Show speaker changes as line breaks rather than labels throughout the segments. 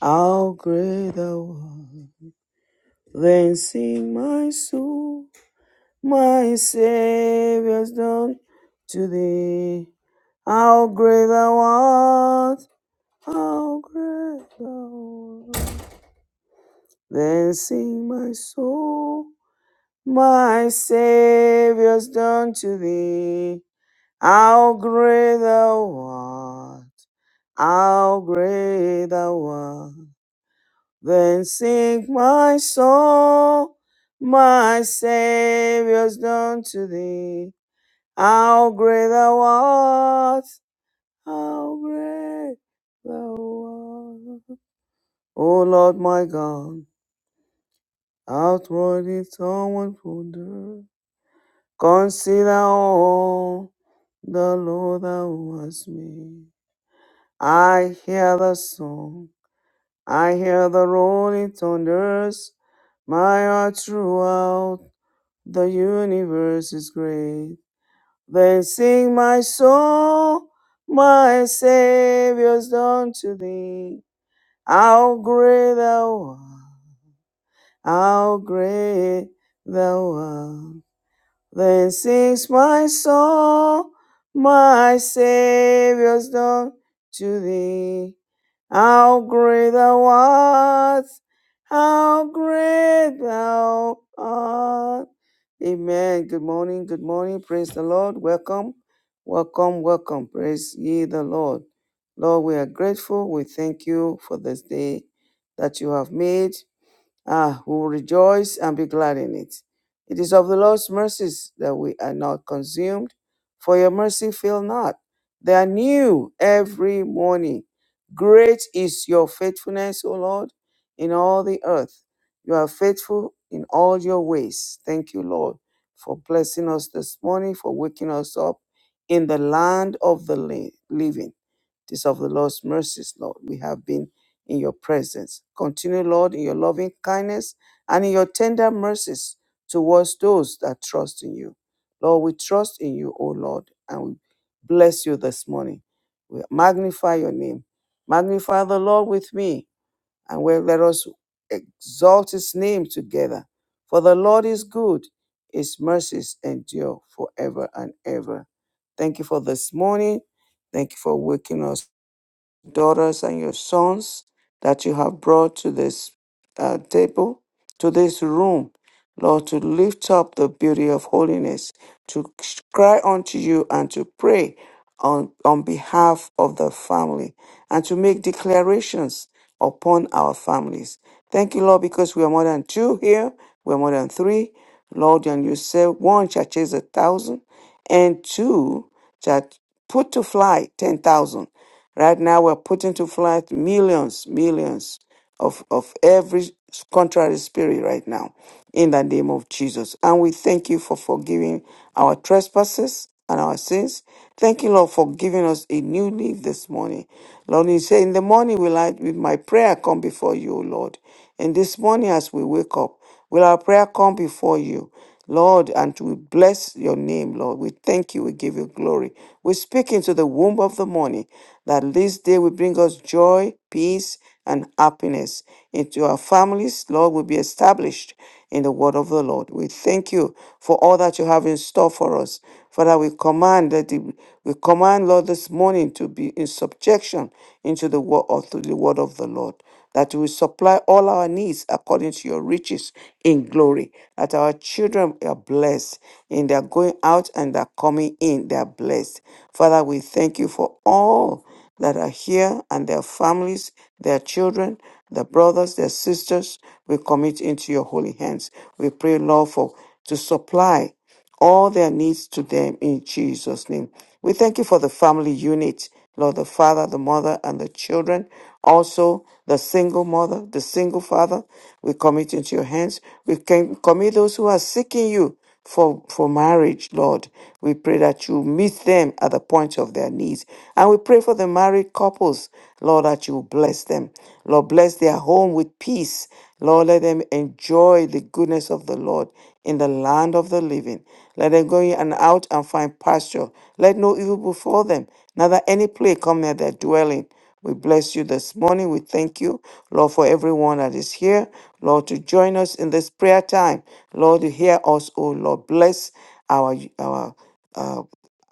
How great thou art. Then sing my soul, my Saviour's done to thee. How great thou art, how great thou art. Then sing my soul, my Saviour's done to thee. How great thou art, how great thou art. Then sing my soul, my Saviour's done to thee. How great thou art, how great thou art. O Lord my God, outwardly someone wonder. Consider all the Lord thou hast made. I hear the song, I hear the rolling thunders, my heart throughout The universe is great. Then sing my soul, my Savior's done to thee. How great thou art, how great thou art. Then sings my soul, my Savior's done to thee. How great thou art, how great thou art. Amen. Good morning, good morning. Praise the Lord. Welcome, welcome, welcome. Praise ye the Lord. Lord, we are grateful. We thank you for this day that you have made. Ah, we will rejoice and be glad in it. It is of the Lord's mercies that we are not consumed, for your mercy fail not. They are new every morning. Great is your faithfulness, O Lord, in all the earth. You are faithful in all your ways. Thank you, Lord, for blessing us this morning, for waking us up in the land of the li- living. It is of the Lord's mercies, Lord. We have been in your presence. Continue, Lord, in your loving kindness and in your tender mercies towards those that trust in you. Lord, we trust in you, O Lord, and we bless you this morning. We magnify your name. Magnify the Lord with me, and we let us exalt his name together. For the Lord is good, his mercies endure forever and ever. Thank you for this morning. Thank you for waking us daughters and your sons that you have brought to this uh, table, to this room, Lord, to lift up the beauty of holiness, to cry unto you and to pray on, on behalf of the family and to make declarations upon our families. Thank you, Lord, because we are more than two here, we are more than three. Lord, and you say one shall chase a thousand, and two shall put to flight ten thousand. Right now, we're putting to flight millions, millions of, of every contrary spirit right now in the name of Jesus. And we thank you for forgiving our trespasses and our sins. Thank you, Lord, for giving us a new leaf this morning. Lord, you say, In the morning will I, with my prayer, come before you, O Lord. And this morning, as we wake up, Will our prayer come before you, Lord, and we bless your name, Lord. We thank you. We give you glory. We speak into the womb of the morning that this day will bring us joy, peace, and happiness into our families, Lord, will be established in the word of the Lord. We thank you for all that you have in store for us. Father, we command that the- we command, Lord, this morning to be in subjection into the word of to the word of the Lord. That you will supply all our needs according to your riches in glory. That our children are blessed in their going out and their coming in. They are blessed. Father, we thank you for all that are here and their families, their children, their brothers, their sisters, we commit into your holy hands. We pray, Lord, for to supply all their needs to them in Jesus' name. We thank you for the family unit, Lord, the father, the mother, and the children. Also, the single mother, the single father, we commit into your hands. We can commit those who are seeking you for, for marriage, Lord. We pray that you meet them at the point of their needs. And we pray for the married couples, Lord, that you bless them. Lord, bless their home with peace. Lord, let them enjoy the goodness of the Lord in the land of the living. Let them go in and out and find pasture. Let no evil befall them, neither any plague come near their dwelling. We bless you this morning. We thank you, Lord, for everyone that is here. Lord, to join us in this prayer time. Lord, to hear us, oh Lord. Bless our, our uh,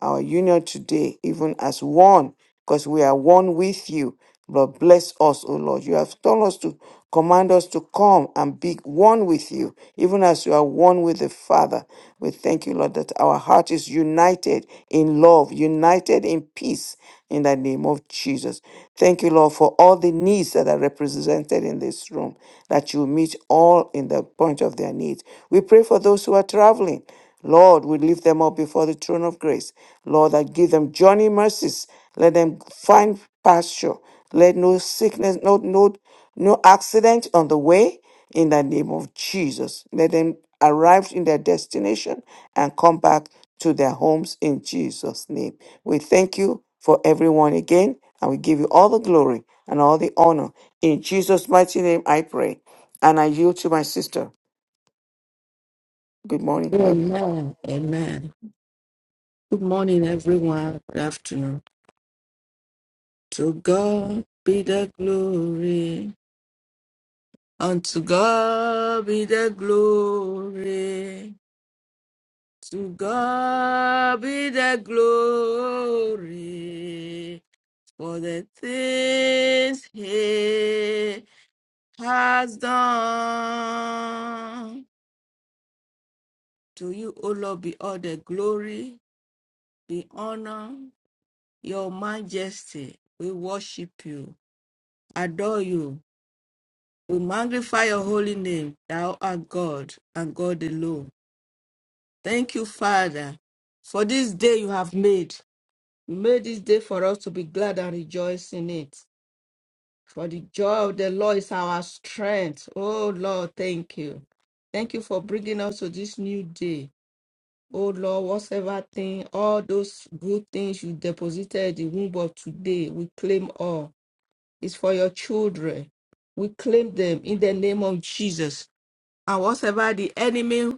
our union today, even as one, because we are one with you. Lord, bless us, O Lord. You have told us to command us to come and be one with you, even as you are one with the Father. We thank you, Lord, that our heart is united in love, united in peace, in the name of Jesus. Thank you, Lord, for all the needs that are represented in this room, that you meet all in the point of their needs. We pray for those who are traveling. Lord, we lift them up before the throne of grace. Lord, that give them journey mercies. Let them find pasture. Let no sickness, no, no, no accident on the way. In the name of Jesus. Let them arrive in their destination and come back to their homes in Jesus' name. We thank you for everyone again, and we give you all the glory and all the honor. In Jesus' mighty name, I pray. And I yield to my sister. Good morning.
Amen. Amen. Good morning, everyone. Good afternoon. To God be the glory. Unto God be the glory. To God be the glory for the things He has done. To you, O Lord, be all the glory, be honor, your majesty. We worship you. adore you. We magnify your holy name. Thou art God and God alone. Thank you, Father, for this day you have made. You made this day for us to be glad and rejoice in it. For the joy of the Lord is our strength. Oh, Lord, thank you. Thank you for bringing us to this new day. Oh Lord, whatsoever thing, all those good things you deposited in the womb of today, we claim all. It's for your children. We claim them in the name of Jesus. and whatever the enemy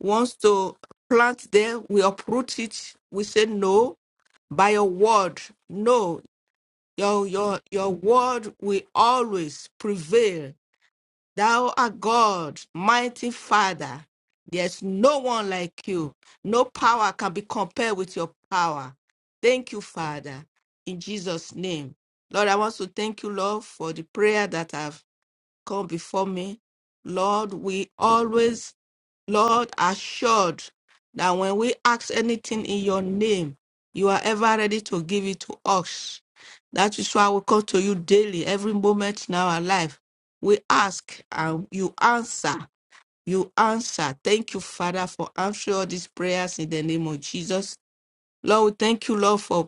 wants to plant there, we uproot it. We say no by your word. No, your your your word will always prevail. Thou art God, mighty Father. There's no one like you. No power can be compared with your power. Thank you, Father, in Jesus' name. Lord, I want to thank you, Lord, for the prayer that have come before me. Lord, we always Lord, assured that when we ask anything in your name, you are ever ready to give it to us. That is why we come to you daily, every moment in our life. We ask and you answer. You answer. Thank you, Father, for answering all these prayers in the name of Jesus. Lord, we thank you, Lord, for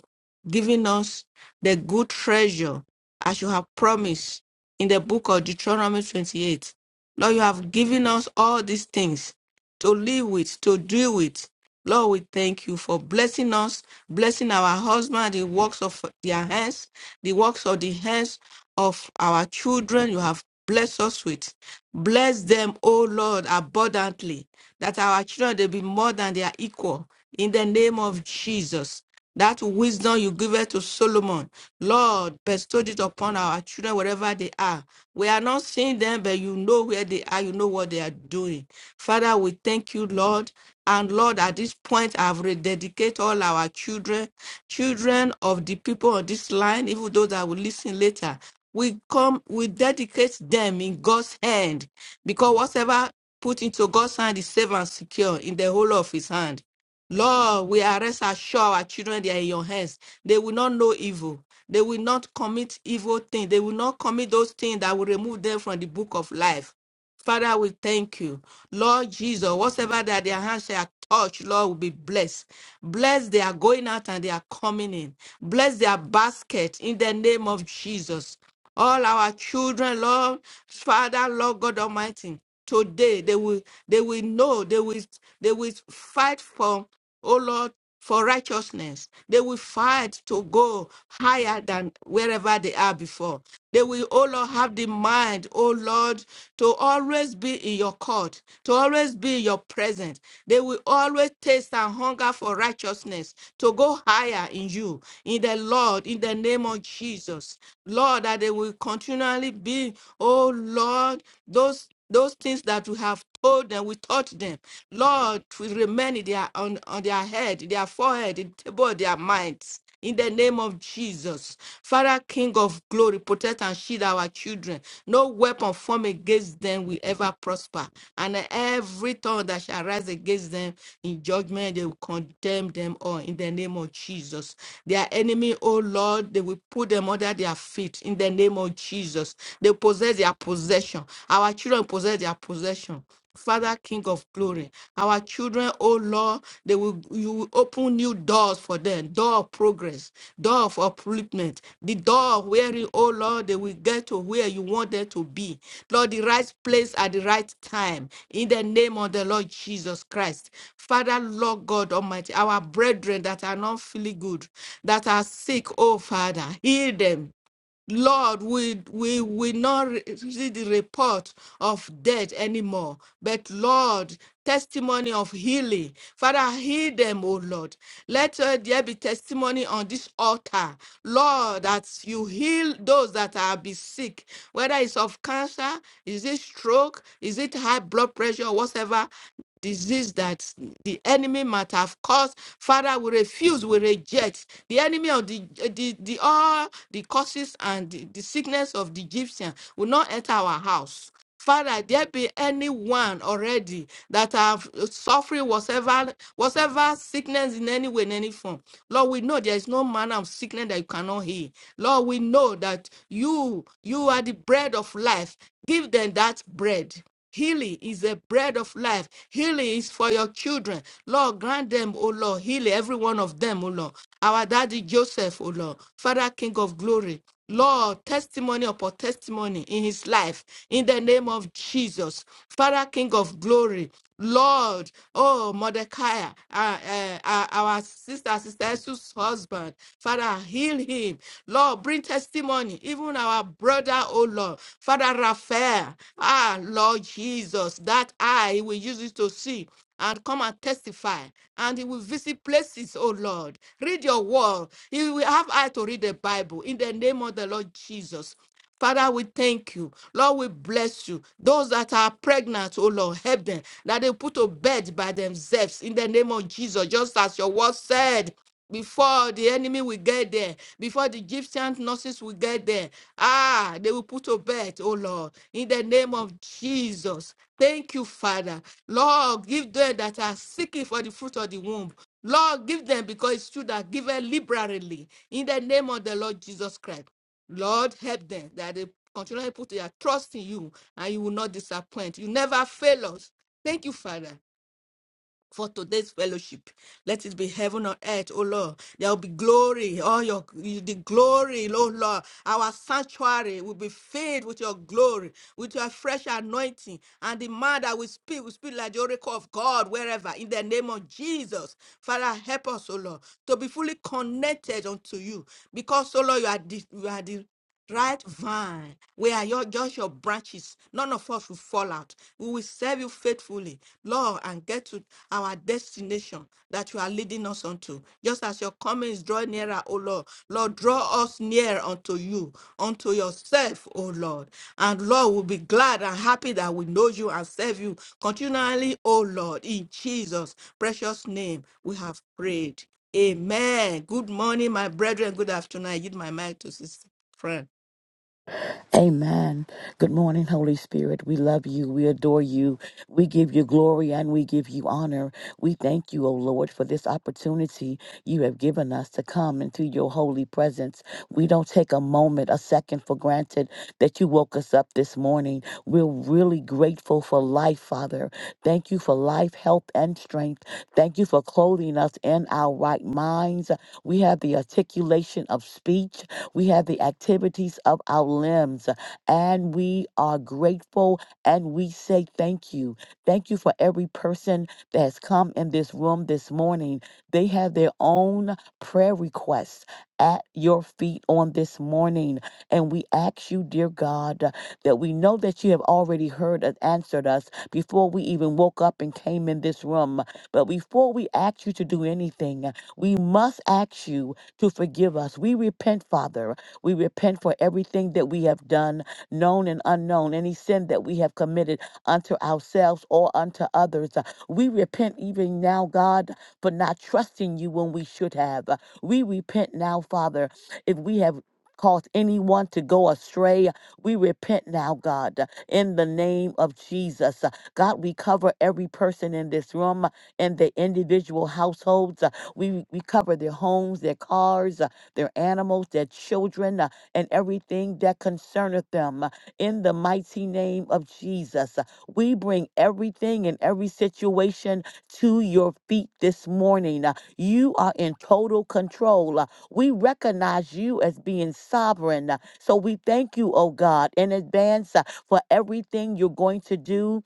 giving us the good treasure as you have promised in the book of Deuteronomy 28. Lord, you have given us all these things to live with, to do with. Lord, we thank you for blessing us, blessing our husband, the works of their hands, the works of the hands of our children you have blessed us with. Bless them, O Lord, abundantly, that our children they be more than their equal. In the name of Jesus, that wisdom you give it to Solomon, Lord, bestow it upon our children wherever they are. We are not seeing them, but you know where they are, you know what they are doing. Father, we thank you, Lord. And Lord, at this point, I've rededicate all our children, children of the people on this line, even those that will listen later we come, we dedicate them in God's hand because whatever put into God's hand is safe and secure in the whole of his hand. Lord, we are rest assured our children they are in your hands. They will not know evil. They will not commit evil things. They will not commit those things that will remove them from the book of life. Father, we thank you. Lord Jesus, whatever that their hands shall touch, Lord, will be blessed. Bless their going out and they are coming in. Bless their basket in the name of Jesus all our children, Lord, Father, Lord God Almighty. Today they will they will know they will they will fight for oh Lord for righteousness. They will fight to go higher than wherever they are before. They will, oh Lord, have the mind, oh Lord, to always be in your court, to always be in your presence. They will always taste and hunger for righteousness, to go higher in you, in the Lord, in the name of Jesus. Lord, Lord, that they will continually be, oh Lord, those those things that we have told them, we taught them. Lord, will remain in their on, on their head, their forehead, in the table of their minds. In the name of Jesus, Father, King of glory, protect and shield our children. No weapon formed against them will ever prosper. And every tongue that shall rise against them in judgment, they will condemn them all in the name of Jesus. Their enemy, oh Lord, they will put them under their feet in the name of Jesus. They possess their possession. Our children possess their possession. Father, King of glory, our children, oh Lord, they will you will open new doors for them, door of progress, door of upliftment, the door of wherein, oh Lord, they will get to where you want them to be. Lord, the right place at the right time. In the name of the Lord Jesus Christ. Father, Lord God Almighty, our brethren that are not feeling good, that are sick, oh Father, heal them. Lord, we we will not re- see the report of death anymore, but Lord, testimony of healing. Father, heal them, O Lord. Let uh, there be testimony on this altar, Lord, that you heal those that are be sick, whether it's of cancer, is it stroke, is it high blood pressure, whatever disease that the enemy might have caused. Father, we refuse, we reject the enemy of the, eh, the, the all the causes and the, the sickness of the Egyptian will not enter our house. Father, there be anyone already that have eh, suffering whatever whatever sickness in any way, in any form. Lord, we know there is no manner of sickness that you cannot heal. Lord, we know that you you are the bread of life. Give them that bread. Healing is the bread of life. Healing is for your children. Lord, grant them, O Lord, healing every one of them, O Lord. Our daddy Joseph, O Lord, Father King of glory. Lord, testimony upon testimony in his life, in the name of Jesus, Father, King of glory, Lord, oh, Mordecai, uh, uh, uh, our sister, Sister Jesus' husband, Father, heal him. Lord, bring testimony, even our brother, oh Lord, Father Raphael, ah, Lord Jesus, that eye, we use it to see and come and testify and he will visit places oh lord read your word he will have eye to read the bible in the name of the lord jesus Father, we thank you. Lord, we bless you. Those that are pregnant, oh Lord, help them. That they put to bed by themselves in the name of Jesus, just as your word said. Before the enemy will get there, before the Egyptian nurses will get there, ah, they will put to bed, oh Lord, in the name of Jesus. Thank you, Father. Lord, give them that are seeking for the fruit of the womb. Lord, give them because it's true that give liberally in the name of the Lord Jesus Christ. Lord, help them that they continually put their trust in you and you will not disappoint. You never fail us. Thank you, Father. For today's fellowship, let it be heaven on earth, oh Lord. There will be glory, all your the glory, oh Lord. Our sanctuary will be filled with your glory, with your fresh anointing, and the man that we speak will speak like the oracle of God wherever. In the name of Jesus, Father, help us, oh Lord, to be fully connected unto you, because, oh Lord, you are the, you are the right vine we are your just your branches none of us will fall out we will serve you faithfully lord and get to our destination that you are leading us unto just as your coming is drawing nearer o lord lord draw us near unto you unto yourself o lord and lord we'll be glad and happy that we know you and serve you continually o lord in jesus precious name we have prayed amen good morning my brethren good afternoon i give my mic to sister friend.
Amen. Good morning, Holy Spirit. We love you. We adore you. We give you glory and we give you honor. We thank you, O Lord, for this opportunity you have given us to come into your holy presence. We don't take a moment, a second for granted that you woke us up this morning. We're really grateful for life, Father. Thank you for life, health, and strength. Thank you for clothing us in our right minds. We have the articulation of speech. We have the activities of our limbs, and we are grateful and we say thank you. Thank you for every person that has come in this room this morning. They have their own prayer requests at your feet on this morning. And we ask you, dear God, that we know that you have already heard and answered us before we even woke up and came in this room. But before we ask you to do anything, we must ask you to forgive us. We repent, Father. We repent for everything that we have done, known and unknown, any sin that we have committed unto ourselves or unto others. Uh, We repent even now, God, for not trusting you when we should have. Uh, We repent now, Father, if we have caused anyone to go astray. We repent now, God, uh, in the name of Jesus. Uh, God, we cover every person in this room and the individual households. We, we cover their homes, their cars, uh, their animals, their children, uh, and everything that concerneth them. uh, In the mighty name of Jesus, Uh, we bring everything and every situation to your feet this morning. Uh, You are in total control. Uh, We recognize you as being sovereign. Uh, So we thank you, oh God, in advance uh, for everything you're going to do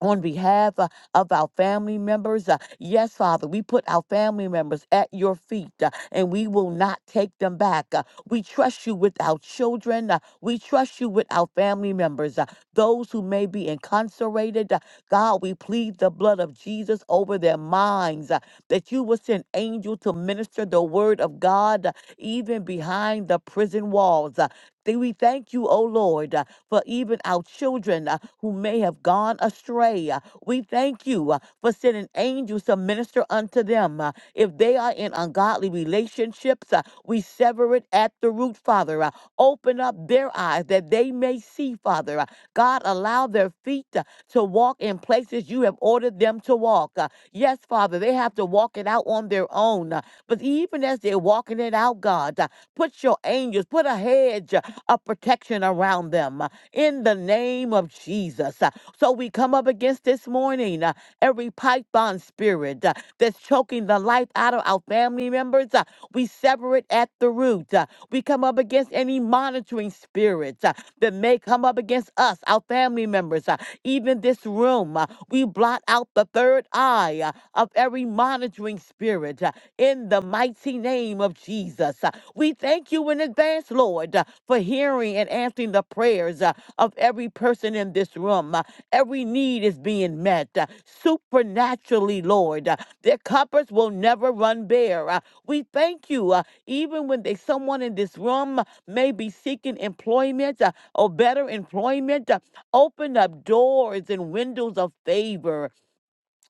on behalf uh, of our family members. uh, yes, Father, we put our family members at your feet uh, and we will not take them back. uh, we trust you with our children. uh, we trust you with our family members. uh, those who may be incarcerated, uh, God, we plead the blood of Jesus over their minds uh, that you will send angel to minister the word of God uh, even behind the prison walls. uh, Th- we thank you, O Lord. uh, for even our children uh, who may have gone astray. Uh, We thank you uh, for sending angels to minister unto them. Uh, If they are in ungodly relationships, uh, we sever it at the root, Father. Uh, Open up their eyes that they may see, Father. Uh, God, allow their feet uh, to walk in places you have ordered them to walk. Uh, Yes, Father, they have to walk it out on their own. Uh, But even as they're walking it out, God, uh, put your angels, put a hedge uh, of protection around them in the name of Jesus. Uh, So we come up against this morning uh, every python spirit uh, that's choking the life out of our family members. uh, We sever it at the root. uh, We come up against any monitoring spirits uh, that may come up against us, our family members, uh, even this room. uh, We blot out the third eye uh, of every monitoring spirit uh, in the mighty name of Jesus. Uh, We thank you in advance, Lord, uh, for hearing and answering the prayers. uh, of every person in this room. Uh, Every need is being met uh, supernaturally, Lord. Uh, Their cupboards will never run bare. Uh, We thank you, uh, even when they, someone in this room uh, may be seeking employment uh, or better employment, uh, open up doors and windows of favor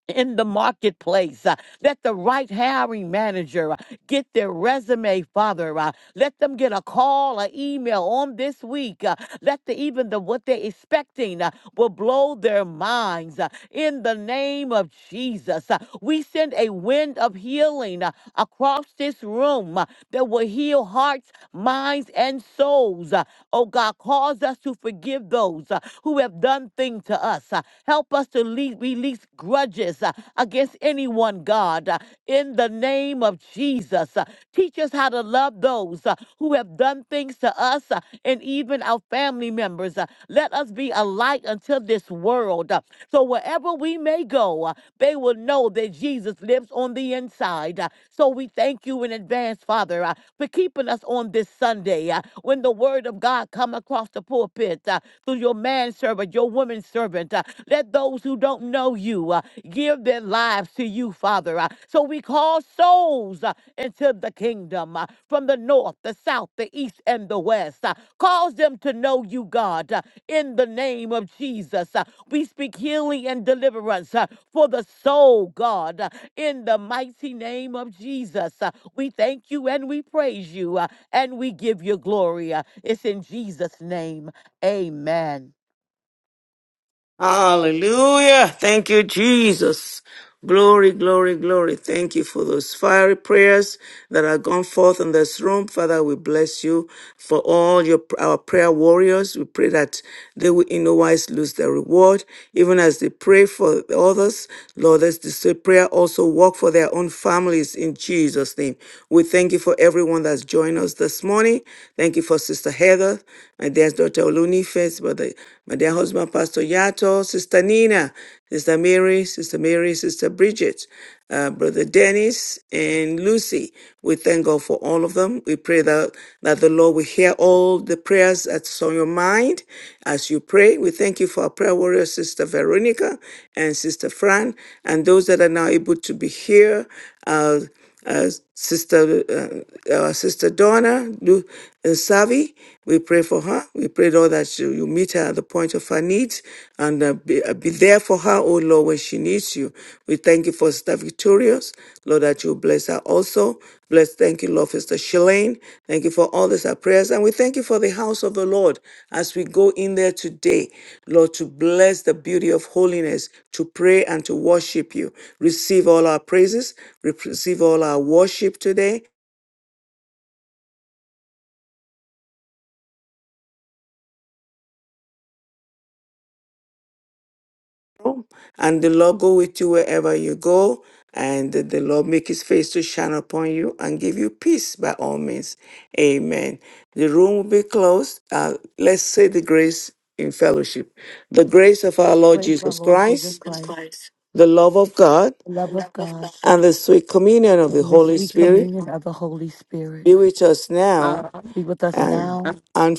in the marketplace. Uh, Let the right hiring manager get their resume, Father. Uh, let them get a call, an email on this week. Uh, let the even the what they're expecting uh, will blow their minds. uh, in the name of Jesus, Uh, we send a wind of healing uh, across this room uh, that will heal hearts, minds, and souls. Uh, oh God, cause us to forgive those uh, who have done things to us. Uh, help us to le- release grudges uh, against anyone, God. Uh, in the name of Jesus. Jesus. Uh, Teach us how to love those uh, who have done things to us uh, and even our family members. Uh, Let us be a light unto this world. Uh, So wherever we may go, uh, they will know that Jesus lives on the inside. Uh, So we thank you in advance, Father, uh, for keeping us on this Sunday uh, when the word of God come across the pulpit uh, through your manservant, your woman servant. uh, Let those who don't know you uh, give their lives to you, Father. uh, So we call souls souls into the kingdom uh, from the north, the south, the east, and the west. uh, Cause them to know you, God, uh, in the name of Jesus. uh, We speak healing and deliverance uh, for the soul, God, uh, in the mighty name of Jesus. uh, We thank you and we praise you uh, and we give you glory. uh, It's in Jesus' name. Amen.
Hallelujah. Thank you, Jesus. Glory, glory, glory. Thank you for those fiery prayers that are gone forth in this room. Father, we bless you for all your our prayer warriors. We pray that they will in no wise lose their reward. Even as they pray for the others, Lord, let this prayer also work for their own families in Jesus' name. We thank you for everyone that's joined us this morning. Thank you for Sister Heather, my dear daughter Baloni first, Brother, my dear husband, Pastor Yato, Sister Nina, Sister Mary, Sister Mary, Sister Bridget, uh, Brother Dennis, and Lucy. We thank God for all of them. We pray that, that the Lord will hear all the prayers that's on your mind as you pray. We thank you for our prayer warrior, Sister Veronica and Sister Fran, and those that are now able to be here. Uh, uh, Sister uh, uh, Sister Donna Lu- Nsavi. We pray for her. We pray, Lord, that you, you meet her at the point of her needs and uh, be, uh, be there for her, oh Lord, when she needs you. We thank you for Sister Victorious, Lord, that you bless her also. Crystal. Bless, thank you, Lord, for Sister Shalane. Thank you for all these our prayers. And we thank you for the house of the Lord as we go in there today, Lord, to bless the beauty of holiness, to pray and to worship you. Receive all our praises, receive all our worship today. and the Lord go with you wherever you go, and the Lord make his face to shine upon you and give you peace by all means. Amen. The room will be closed. Uh, let's say the grace in fellowship. The grace of our Lord
Praise my
Jesus
Lord Jesus
Christ,
Christ,
the love of God,
the love of God,
and the sweet communion of the
and the
Holy
sweet
Spirit
communion of the Holy Spirit
be with us now
Um,
be with us
and,
now
and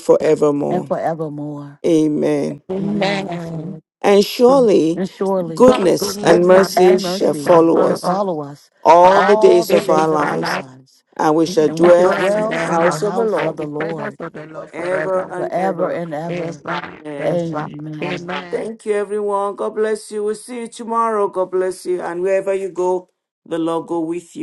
and
forevermore.
forevermore.
Amen.
Amen. Yes,
amen.
Lord.
And surely
And surely
God's
goodness and
goodness
goodness
and
mercy
and
shall
blessings
mercy
shall
follow
shall
follow
us
us
follow us
all
all
the
the
all
days
the
of
days
our
days
of
of
our
our
lives,
life.
lives,
and we shall
We
and we
shall
should
dwell
dwell in
in the
dwell
their
in the
house
house
of the
house of
and
Lord
the
the presence
Lord
of the Lord
forever
forever.
and
forever
ever.
and
Yes,
ever.
Lord.
Amen.
Yes, Lord.
Amen.
Amen.
Thank you, everyone. God bless you. We'll see you tomorrow. God bless you. And wherever you go, the Lord go with you.